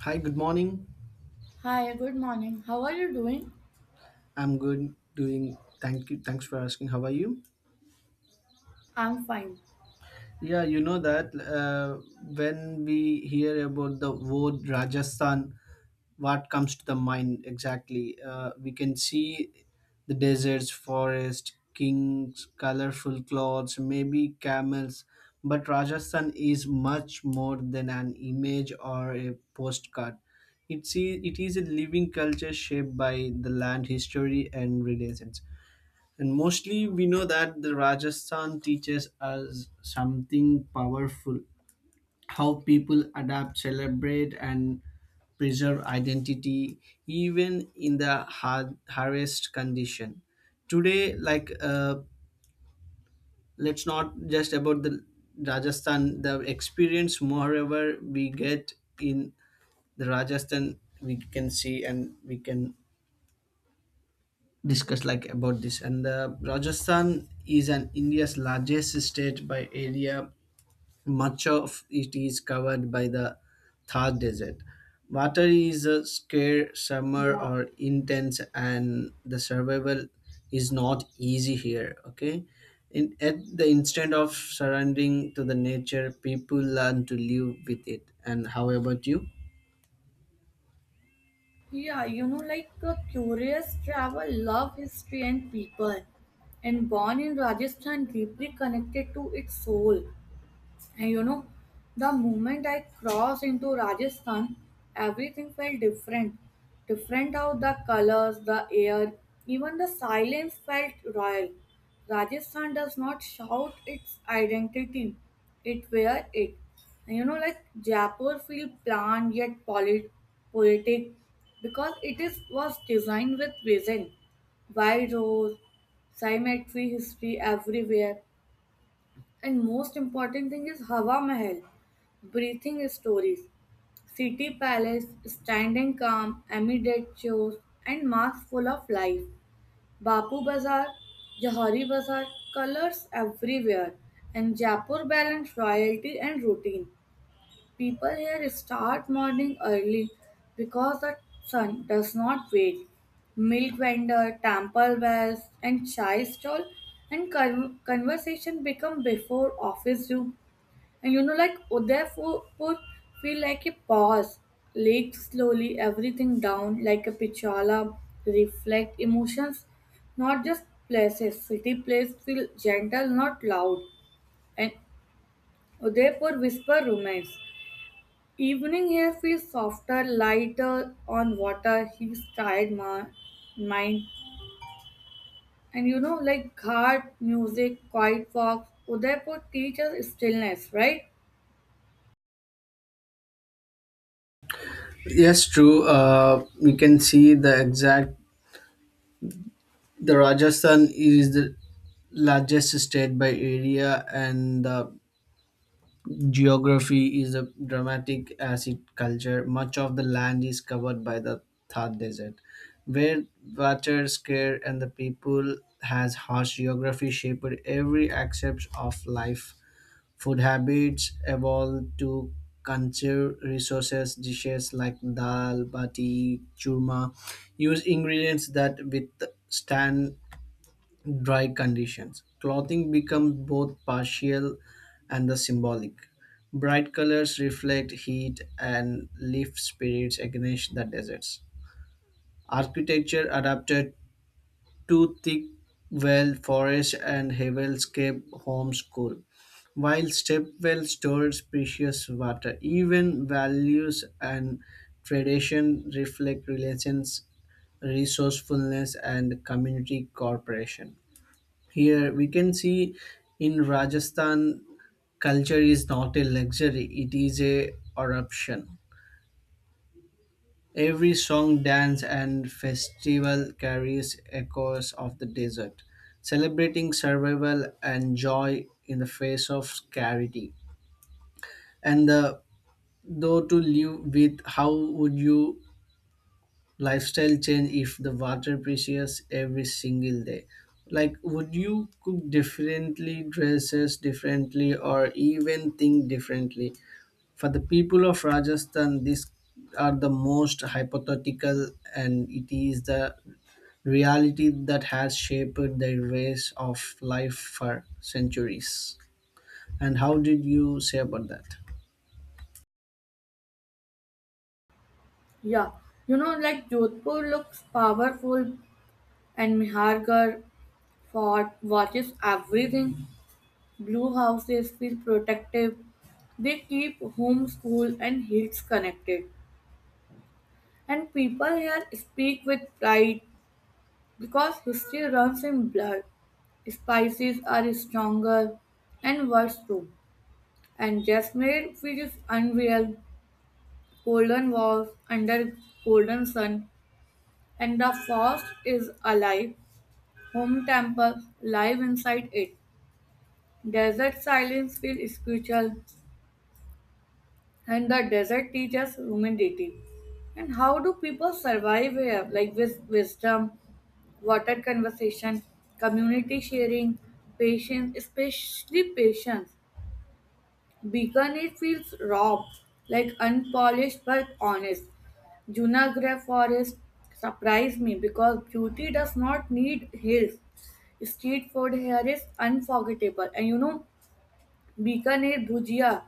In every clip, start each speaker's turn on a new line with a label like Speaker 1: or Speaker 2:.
Speaker 1: Hi, good morning.
Speaker 2: Hi, good morning. How are you doing?
Speaker 1: I'm good. Doing thank you. Thanks for asking. How are you?
Speaker 2: I'm fine.
Speaker 1: Yeah, you know that when we hear about the word Rajasthan, what comes to the mind exactly? We can see the deserts, forest, kings, colorful clothes, maybe camels. But Rajasthan is much more than an image or a postcard. It is a living culture shaped by the land history and relations. And mostly we know that the Rajasthan teaches us something powerful how people adapt, celebrate, and preserve identity even in the hardest condition. Today, like, let's not just about the Rajasthan, the experience, moreover, we get in the Rajasthan, we can see and we can discuss like about this and rajasthan is an india's largest state by area, much of it is covered by the thar desert. Water is a scarce summer or intense and the survival is not easy here. Okay, at the instant of surrendering to the nature people learn to live with it. And how about you?
Speaker 2: Yeah, you know, like a curious travel, love history and people. And born in Rajasthan, deeply connected to its soul. And you know, the moment I crossed into Rajasthan, everything felt different. Different how the colors, the air, even the silence felt royal. Rajasthan does not shout its identity, it wears it. And you know, like Jaipur feel planned yet poetic because it is was designed with vision. Wide roads, cemetery history everywhere. And most important thing is Hawa Mahal, breathing stories, city palace, standing calm amid its chores, and masks full of life. Bapu Bazaar, Johari Bazaar, colors everywhere, and Jaipur balance royalty and routine. People here start morning early because the sun does not wait. Milk vendor, temple bells, and chai stall and conversation become before office do. And you know, like Udaipur feel like a pause, lake slowly everything down like a pichala, reflect emotions, not just places. City place feel gentle, not loud. And Udaipur whisper romance. Evening here feels softer, lighter on water, he's tired mind. And you know, like ghat, music, quiet walks, Udaipur teaches stillness, right?
Speaker 1: Yes, true. We can see the exact. The Rajasthan is the largest state by area and the geography is a dramatic as it culture. Much of the land is covered by the Thar Desert, where water scarce and the people has harsh geography shaped every aspect of life. Food habits evolved to conserve resources dishes like dal, bati, churma, use ingredients that withstand dry conditions. Clothing becomes both partial and the symbolic. Bright colors reflect heat and lift spirits against the deserts. Architecture adapted to thick well forest and heavenscape homeschool, while stepwell stores precious water. Even values and tradition reflect relations, resourcefulness, and community cooperation. Here we can see in Rajasthan, culture is not a luxury, it is a eruption. Every song, dance, and festival carries echoes of the desert, celebrating survival and joy in the face of scarcity. And the, though to live with, how would you lifestyle change if the water precious every single day, like would you cook differently dresses differently or even think differently? For the people of Rajasthan these are the most hypothetical and it is the reality that has shaped their ways of life for centuries. And how did you say about that?
Speaker 2: Yeah, you know, like Jodhpur looks powerful, and Mihargarh fort watches everything. Blue houses feel protective. They keep home, school, and hills connected. And people here speak with pride because history runs in blood. Spices are stronger and worse too. And Jasmine feels unreal. Golden walls under golden sun, and the forest is alive. Home temple, live inside it. Desert silence feels spiritual, and the desert teaches humidity. And how do people survive here? Like with wisdom, water conversation, community sharing, patience, especially patience. Bikaner feels raw, like unpolished but honest. Junagadh Forest surprised me because beauty does not need hills. Street food here is unforgettable, and you know, Bikaner bhujia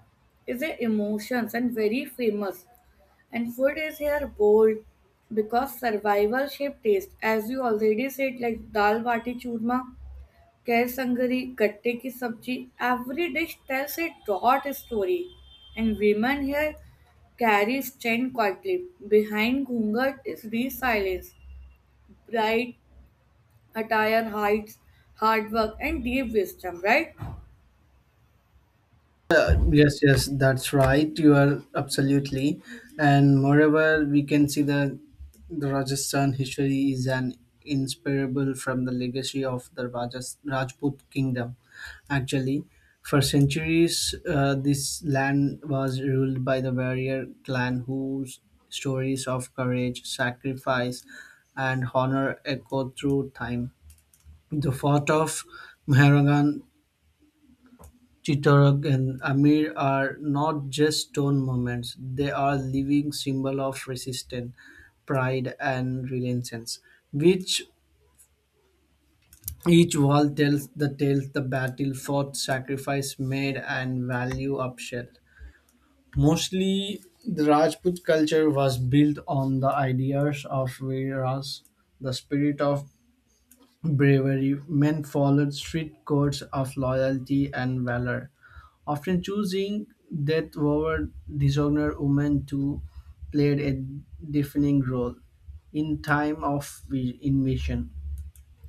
Speaker 2: is a emotions and very famous. And food is here bold because survival shaped taste, as you already said, like dal bati churma Kaisangari, gatte ki sabji, every dish tells a dot story. And women here carry strength quietly. Behind ghungat is real silence, bright attire hides hard work and deep wisdom, right?
Speaker 1: Yes, yes, that's right. You are absolutely. And moreover, we can see that the Rajasthan history is an inseparable from the legacy of the Rajput kingdom. Actually, for centuries, this land was ruled by the warrior clan whose stories of courage, sacrifice, and honor echo through time. The fort of Mehrangarh Chittagong and Amir are not just stone monuments; they are living symbols of resistance, pride, and resilience. Which each wall tells the tales the battle fought, sacrifice made, and value upheld. Mostly, the Rajput culture was built on the ideas of Veeras, the spirit of bravery. Men followed strict codes of loyalty and valor often choosing death over dishonor. Women too played a defining role in time of invasion.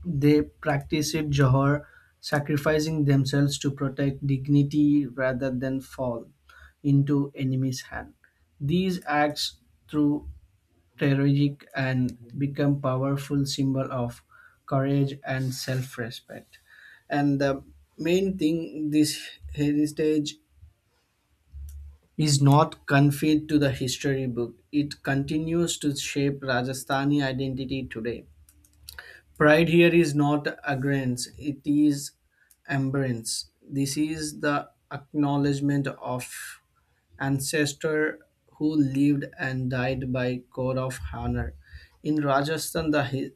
Speaker 1: They practiced jihad, sacrificing themselves to protect dignity rather than fall into enemy's hand. These acts through tragic and become powerful symbol of courage and self-respect. And the main thing this heritage is not confined to the history book. It continues to shape Rajasthani identity today. Pride here is not arrogance, it is embrace. This is the acknowledgement of ancestor who lived and died by code of honor. In Rajasthan, the hi-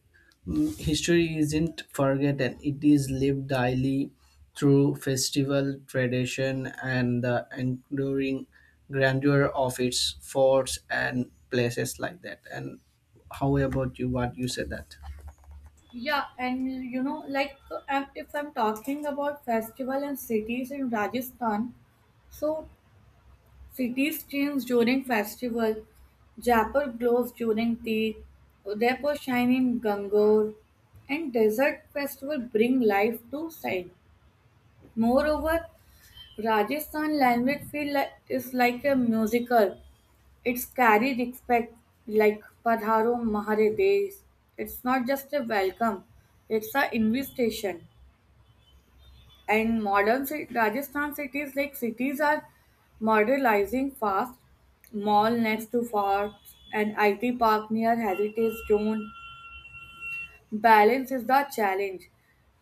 Speaker 1: mm, history isn't forgotten, it is lived daily through festival tradition and the enduring grandeur of its forts and places like that. And how about you? What you said that?
Speaker 2: Yeah, and you know, like if I'm talking about festival and cities in Rajasthan, so cities change during festival. Jaipur glows during Teeth, Udaipur shine in Gangor, and desert festival bring life to sight. Moreover, Rajasthan language feel like, is like a musical. It's carry respect like Padharo Mahare Desh. It's not just a welcome; it's an invitation and modern Rajasthan cities like cities are modernizing fast. Mall next to forts and IT park near heritage zone. Balance is the challenge.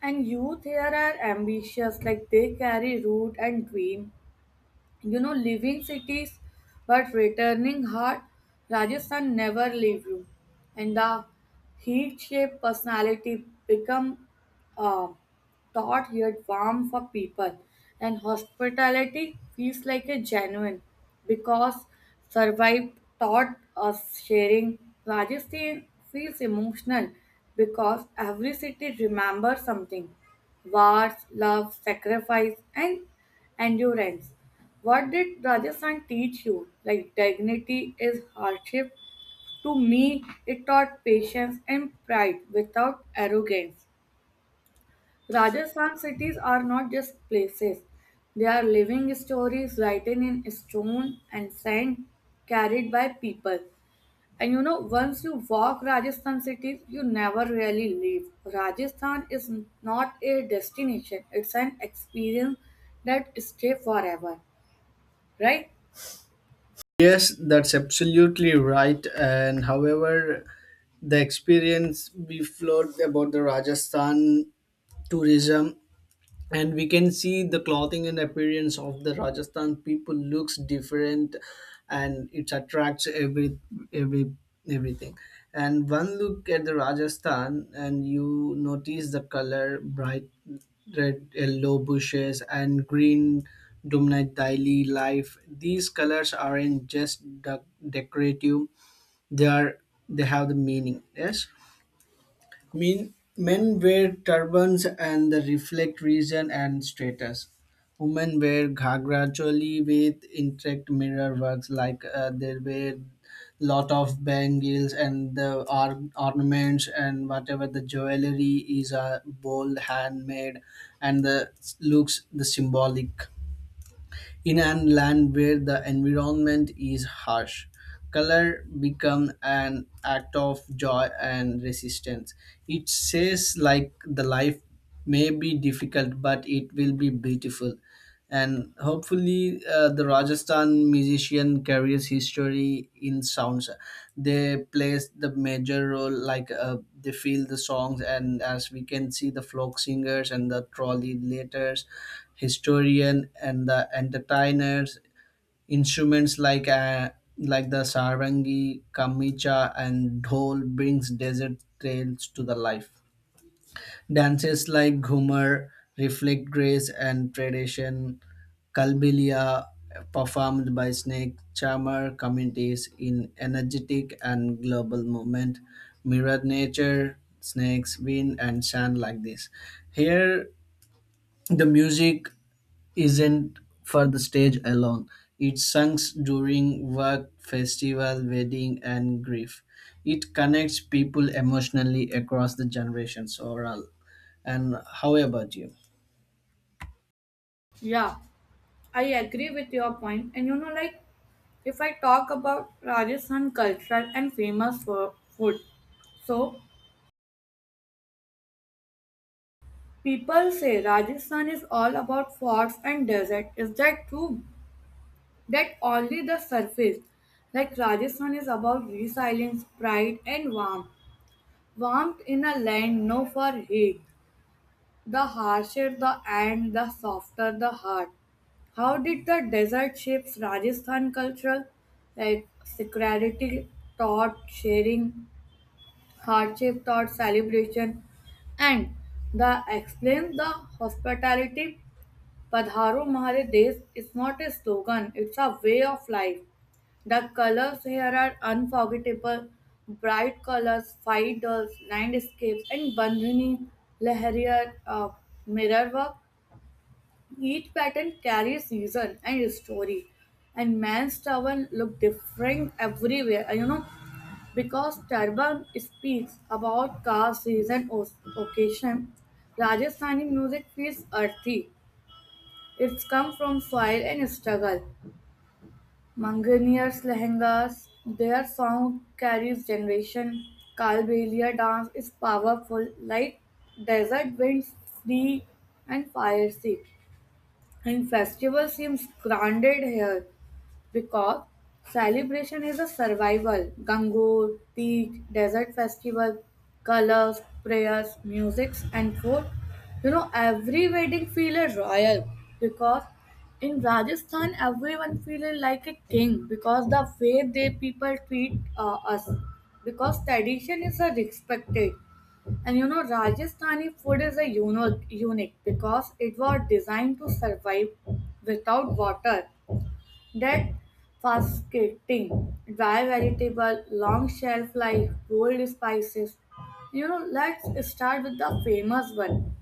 Speaker 2: And youth here are ambitious, like they carry root and dream. You know, leaving cities but returning heart, Rajasthan never leave you. And the heat shape personality become uh, taught here warm for people and hospitality feels like a genuine because survive. Taught us sharing. Rajasthan feels emotional because every city remembers something, wars, love, sacrifice, and endurance. What did Rajasthan teach you? Like dignity is hardship. To me, it taught patience and pride without arrogance. Rajasthan cities are not just places, they are living stories written in stone and sand, carried by people. And you know, once you walk Rajasthan cities, you never really leave. Rajasthan is not a destination, it's an experience that stays forever, right?
Speaker 1: Yes, that's absolutely right. And however, the experience we flowed about the Rajasthan tourism, and we can see the clothing and appearance of the Rajasthan people looks different and it attracts every everything. And one look at the Rajasthan and you notice the color bright red yellow bushes and green dominant daily life. These colors aren't just decorative, they are, they have the meaning. Yes. Men wear turbans and they reflect region and status. Women wear ghagra choli with intricate mirror works, like they wear lot of bangles and the ornaments and whatever the jewelry is a bold handmade and the looks the symbolic. In an land where the environment is harsh, color become an act of joy and resistance. It says like the life may be difficult, but it will be beautiful. And hopefully the Rajasthan musician carries history in sounds. They plays the major role, like they feel the songs and as we can see the folk singers and the trolley letters, historian and the entertainers. Instruments like like the sarangi kamicha and dhol brings desert trails to the life. Dances like Ghumar reflect grace and tradition. Kalbilia, performed by snake charmer communities in energetic and global movement, mirrored nature, snakes, wind, and sand like this. Here, the music isn't for the stage alone. It sings during work, festival, wedding, and grief. It connects people emotionally across the generations overall. And how about you?
Speaker 2: Yeah, I agree with your point. And you know, like if I talk about Rajasthan culture and famous for food, so people say Rajasthan is all about forts and desert. Is that true? That only the surface. Like Rajasthan is about resilience, pride, and warmth. Warmth in a land known for heat. The harsher the end, the softer the heart. How did the desert shapes Rajasthan culture? Like security taught sharing, hardship taught celebration, and the explain the hospitality. Padharo Hamare Desh is not a slogan, it's a way of life. The colors here are unforgettable, bright colors, fighters, landscapes, and Bandhani Leharia mirror work. Each pattern carries season and story, and man's turban look different everywhere. You know, because turban speaks about caste, season, or occasion. Rajasthani music feels earthy, it's come from soil and struggle. Manganeers lehengas, their sound carries generation. Kalbelia dance is powerful, like desert winds, free and fiery. And festival seems grounded here because celebration is a survival. Gangur, Teej, Desert Festival, colors, prayers, musics, and food. You know, every wedding feels royal because in Rajasthan, everyone feels like a king because the way they people treat us because tradition is respected. And you know, Rajasthani food is a unique because it was designed to survive without water. That fascinating, dry vegetable, long shelf life, bold spices. You know, let's start with the famous one,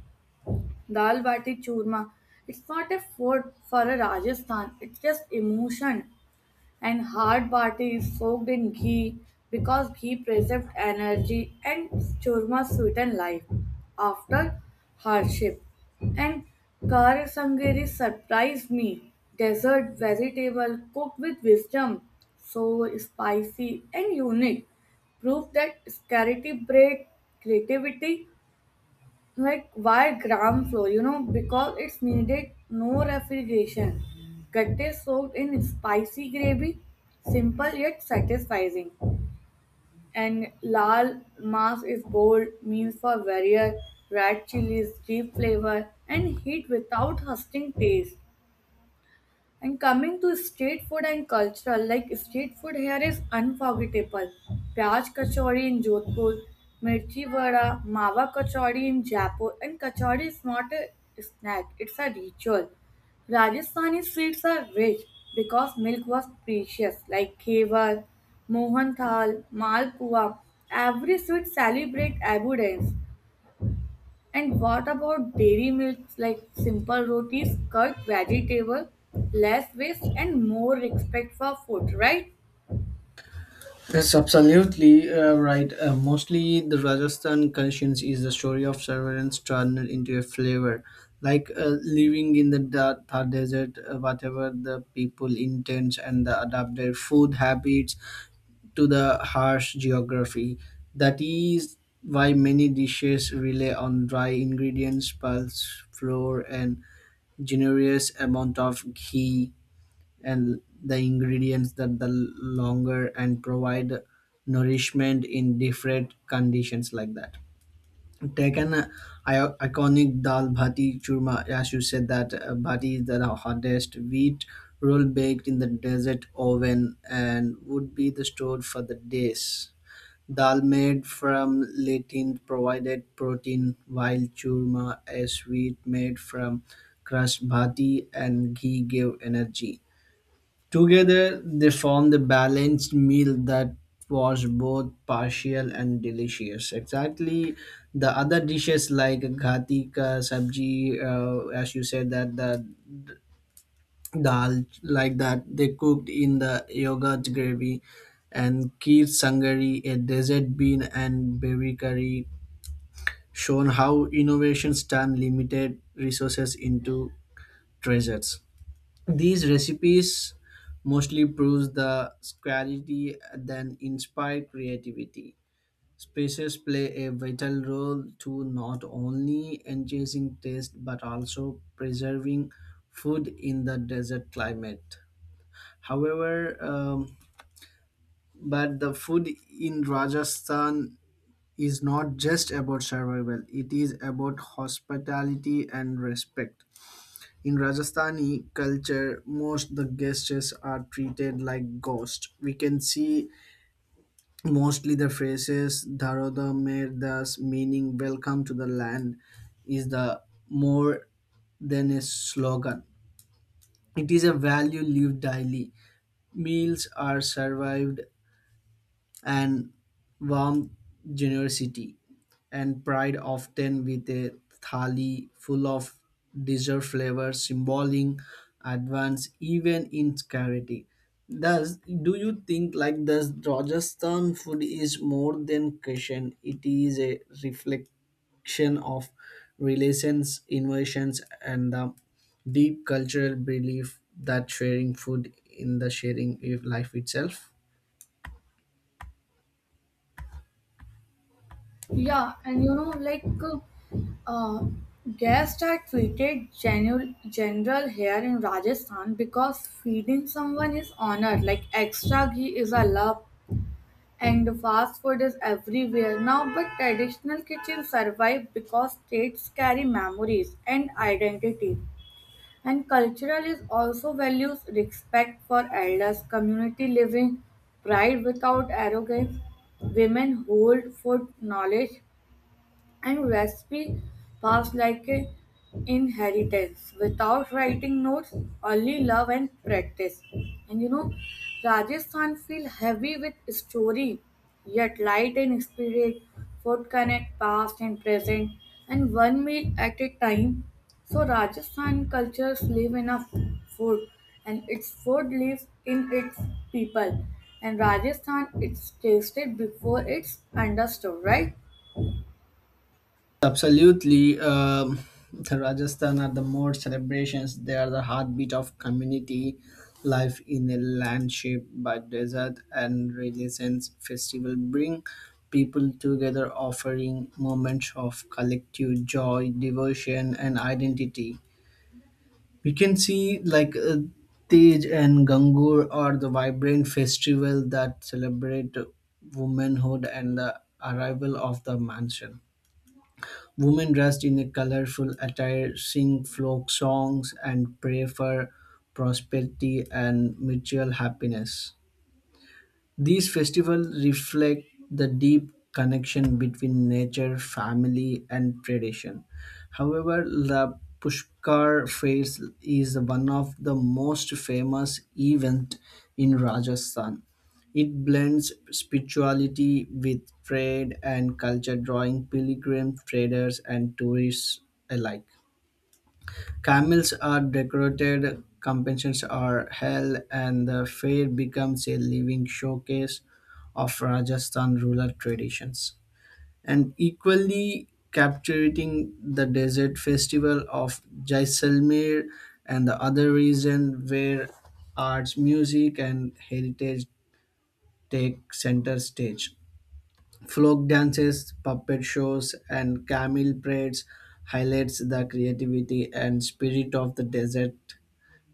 Speaker 2: Dal Bati Churma. It's not a food for a Rajasthan, it's just emotion and hard party is soaked in ghee because ghee preserves energy and churma sweeten life after hardship. And kar sangeri surprised me. Desert vegetable cooked with wisdom, so spicy and unique, prove that scarcity breed creativity. Like why gram flour? You know, because it's needed no refrigeration. Gatte soaked in spicy gravy, simple yet satisfying. And lal mas is bold, means for warrior, red chilies, deep flavor, and heat without husting taste. And coming to street food and cultural, like street food here is unforgettable. Pyaj kachori in Jodhpur, mirchi vada, mawa kachori in Jaipur, and kachori is not a snack; it's a ritual. Rajasthani sweets are rich because milk was precious, like khevar, mohan thal, malpua. Every sweet celebrate abundance. And what about dairy milks like simple rotis, cut vegetable, less waste and more respect for food, right?
Speaker 1: That's absolutely right. Mostly the Rajasthan conscience is the story of surveillance turned into a flavor. Like living in the Thar desert, whatever the people intends and the adapt their food habits to the harsh geography. That is why many dishes rely on dry ingredients, pulse, flour, and generous amount of ghee and the ingredients that the longer and provide nourishment in different conditions like that. Take an iconic dal bhati churma, as you said that bhati is the hardest wheat roll baked in the desert oven and would be the stored for the days. Dal made from latin provided protein, while churma, a sweet made from crushed bhati and ghee, gave energy. Together, they formed a balanced meal that was both partial and delicious. Exactly, the other dishes like ghati ka sabji, as you said that the dal like that they cooked in the yogurt gravy, and kheer sangari, a desert bean and berry curry, shown how innovations turn limited resources into treasures. These recipes mostly proves the scarcity than inspire creativity. Spices play a vital role to not only enhancing taste but also preserving food in the desert climate. However, but the food in Rajasthan is not just about survival; it is about hospitality and respect. In Rajasthani culture, most the guests are treated like ghosts. We can see mostly the phrases Dharoda Merdas," meaning welcome to the land, is the more than a slogan. It is a value lived daily. Meals are served and warm generosity and pride often with a thali full of dessert flavor symboling advance even in charity does do you think like this? Rajasthan food is more than cushion, it is a reflection of relations innovations and the deep cultural belief that sharing food in the sharing of life itself.
Speaker 2: Yeah, and you know, like uh, guests are treated general here in Rajasthan because feeding someone is honor. Like extra ghee is a love, and the fast food is everywhere now. But traditional kitchens survive because states carry memories and identity. And cultural is also values respect for elders, community living, pride without arrogance. Women hold food knowledge and recipe passed like an inheritance without writing notes, only love and practice. And you know, Rajasthan feel heavy with story yet light in spirit. Food connect past and present, and one meal at a time. So Rajasthan cultures live in a food, and its food lives in its people. And Rajasthan, it's tasted before it's understood, right?
Speaker 1: Absolutely. The Rajasthan are the more celebrations. They are the heartbeat of community life in a land shaped by desert and religions. Festival bring people together, offering moments of collective joy, devotion, and identity. We can see like Tej and Gangur are the vibrant festival that celebrate womanhood and the arrival of the mansion. Women dressed in a colorful attire sing folk songs and pray for prosperity and mutual happiness. These festivals reflect the deep connection between nature, family, and tradition. However, the Pushkar Fair is one of the most famous events in Rajasthan. It blends spirituality with trade and culture, drawing pilgrims, traders, and tourists alike. Camels are decorated, companions are held, and the fair becomes a living showcase of Rajasthan rural traditions. And equally capturing the desert festival of Jaisalmer and the other region where arts, music, and heritage take center stage. Folk dances, puppet shows, and camel parades highlights the creativity and spirit of the desert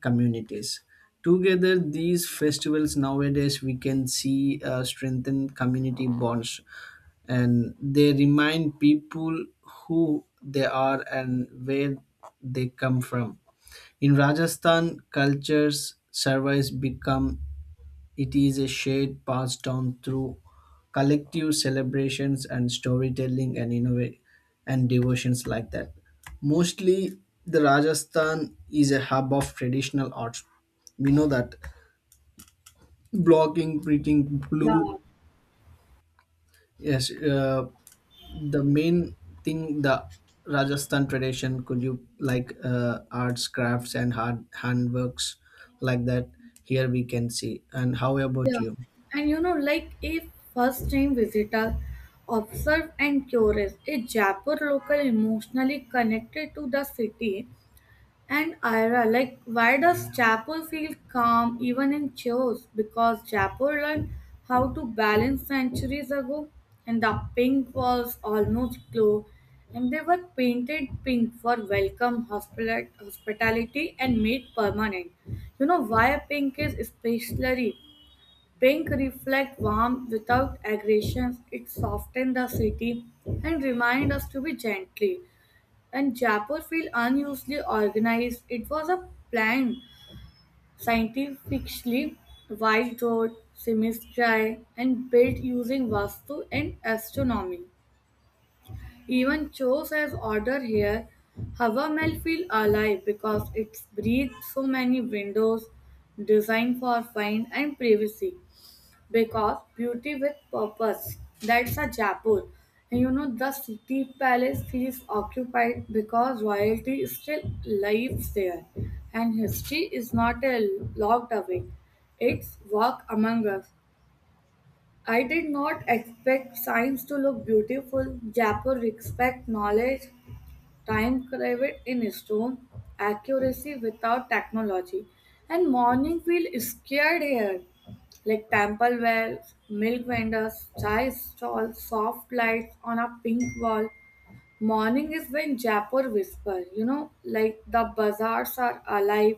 Speaker 1: communities. Together, these festivals nowadays we can see strengthen community bonds and they remind people who they are and where they come from. In Rajasthan, cultures service become it is a shade passed down through collective celebrations and storytelling and and devotions like that. Mostly, the Rajasthan is a hub of traditional arts. We know that blocking, printing,
Speaker 2: yeah
Speaker 1: blue. Yes, the main thing the Rajasthan tradition could you like arts, crafts, and hard handworks like that. Here we can see. And how about
Speaker 2: Yeah,
Speaker 1: you?
Speaker 2: and you know, like a first time visitor observe and curious, a Jaipur local emotionally connected to the city and Ira. Like, why does Jaipur feel calm even in chaos? Because Jaipur learned how to balance centuries ago, and the pink walls almost glow, and they were painted pink for welcome, hospitality, and made permanent. You know why pink is especially. Pink reflects warmth without aggression. It softens the city and reminds us to be gently. And Jaipur feel unusually organized. It was a planned, scientifically wide road, semistry, and built using Vastu and astronomy. Even chose as order here. Hava Mahal feel alive because it breathes so many windows designed for fine and privacy because beauty with purpose, that's a Jaipur. And you know, the city palace feels occupied because royalty still lives there, and history is not a locked away, it's walk among us. I did not expect science to look beautiful. Jaipur respect knowledge, time craved in stone, accuracy without technology. And morning feel scared here. Like temple wells, milk vendors, chai stalls, soft lights on a pink wall. Morning is when Jaipur whisper, you know, like the bazaars are alive.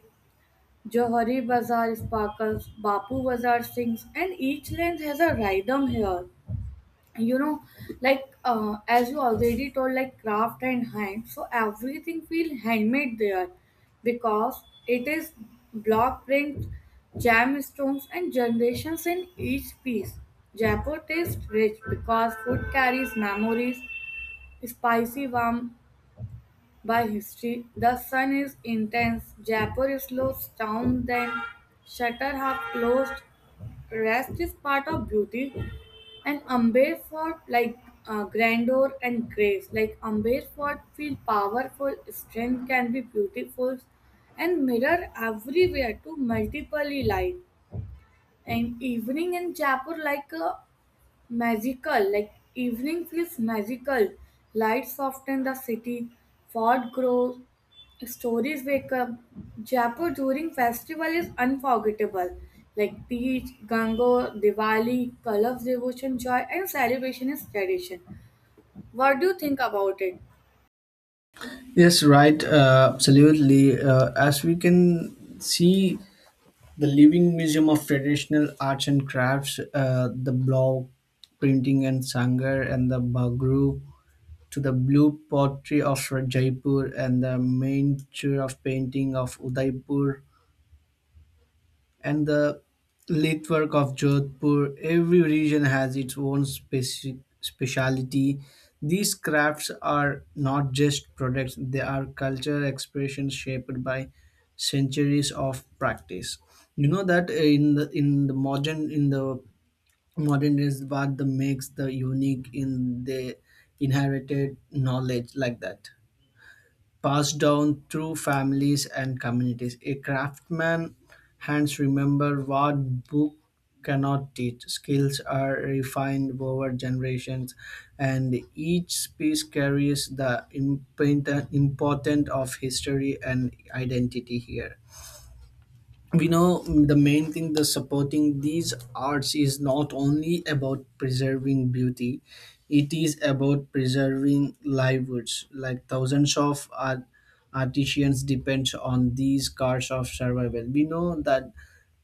Speaker 2: Johari Bazaar sparkles, Bapu Bazaar sings, and each lane has a rhythm here. You know, like as you already told, like craft and hand, so everything feel handmade there because it is block print, gemstones, and generations in each piece. Jaipur tastes rich because food carries memories, spicy, warm by history. The sun is intense, Jaipur slows down then, shutter half closed, rest is part of beauty. And Amber fought like grandeur and grace. Like Amber fought feel powerful, strength can be beautiful, and mirror everywhere to multiple light. And evening in Jaipur like a magical, like evening feels magical. Light soften the city, fort grows, stories wake up. Jaipur during festival is unforgettable. Like Teej, Gango, Diwali, colors, devotion, joy, and celebration is tradition. What do you think about it?
Speaker 1: Yes, right. Absolutely. As we can see, the Living Museum of Traditional Arts and Crafts, the block printing and sangar, and the Bagru, to the blue pottery of Jaipur and the miniature of painting of Udaipur, and the Litwork of Jodhpur. Every region has its own speciality. These crafts are not just products, they are cultural expressions shaped by centuries of practice. You know that in the modern days what the makes the unique in the inherited knowledge like that, passed down through families and communities. A craftsman hands remember what book cannot teach. Skills are refined over generations, and each piece carries the important of history and identity here. We know, the main thing the supporting these arts is not only about preserving beauty, it is about preserving livelihoods like thousands of artisans depends on these cards of survival. We know that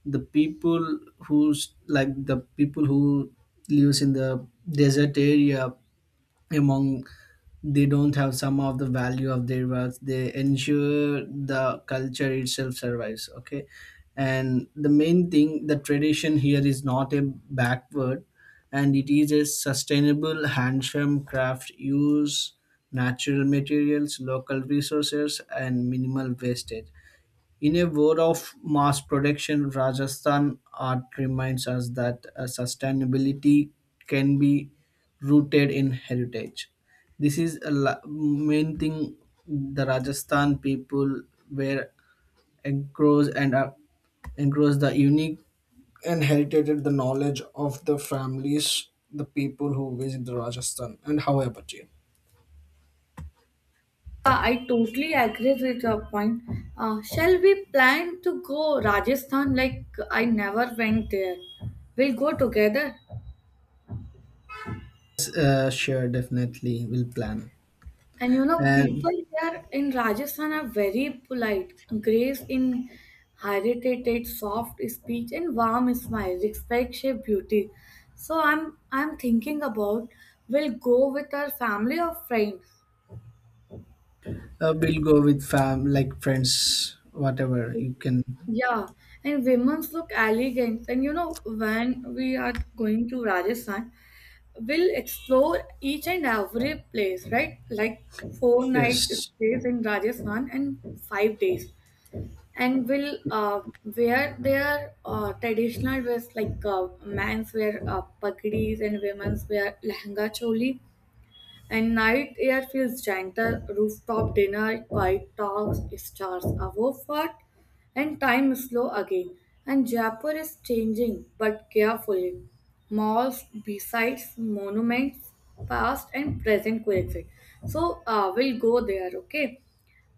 Speaker 1: the people the people who lives in the desert area among, they don't have some of the value of their works they ensure the culture itself survives. Okay, and the main thing the tradition here is not a backward and it is a sustainable handsome craft use natural materials local resources and minimal wastage. In a world of mass production, Rajasthan art reminds us that sustainability can be rooted in heritage. This is a main thing the Rajasthan people were engrossed and engrossed the unique and heritage the knowledge of the families, the people who visit the Rajasthan. And how about you?
Speaker 2: Yeah, I totally agree with your point. Shall we plan to go Rajasthan? Like I never went there. We'll go together.
Speaker 1: Sure, definitely, we'll plan.
Speaker 2: And you know, people
Speaker 1: And
Speaker 2: here in Rajasthan are very polite, grace in heritage, soft speech, and warm smile, respect shape beauty. So I'm thinking about we'll go with our family or friends.
Speaker 1: we'll go with fam, like friends, whatever you can.
Speaker 2: Yeah, and women's look elegant. And you know, when we are going to Rajasthan, we'll explore each and every place, right? Like 4 night
Speaker 1: Yes,
Speaker 2: stays in Rajasthan and 5 days. And will wear their traditional dress like men's wear pagdis and women's wear lehenga choli. And night air feels gentle, rooftop dinner, quiet talks, stars above what, and time is slow again. And Jaipur is changing, but carefully. Malls, besides monuments, past and present coexist. So we'll go there, okay?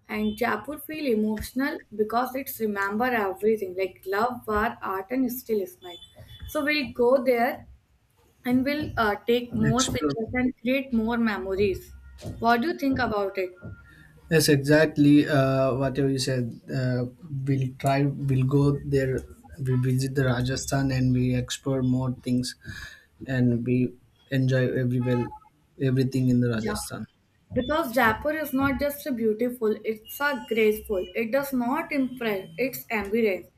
Speaker 2: And Jaipur feel emotional because it's remember everything like love, war, art, and still smile. So we'll go there and we'll take more
Speaker 1: explore.
Speaker 2: pictures and create more memories. What do you think about it?
Speaker 1: Yes, exactly. Whatever you said, we'll try. We'll go there. We visit the Rajasthan and we explore more things, and we enjoy everywhere, everything in the
Speaker 2: Yeah,
Speaker 1: Rajasthan.
Speaker 2: because Jaipur is not just a beautiful; it's a graceful. It does not impress; it's ambience.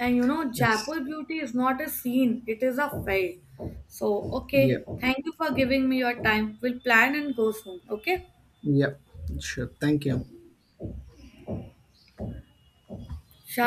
Speaker 2: And you know,
Speaker 1: Yes.
Speaker 2: Jaipur beauty is not a scene; it is a felt. So okay,
Speaker 1: Yeah.
Speaker 2: thank you for giving me your time. We'll plan and go soon. Okay.
Speaker 1: Yeah. Sure. Thank you.
Speaker 2: Sure.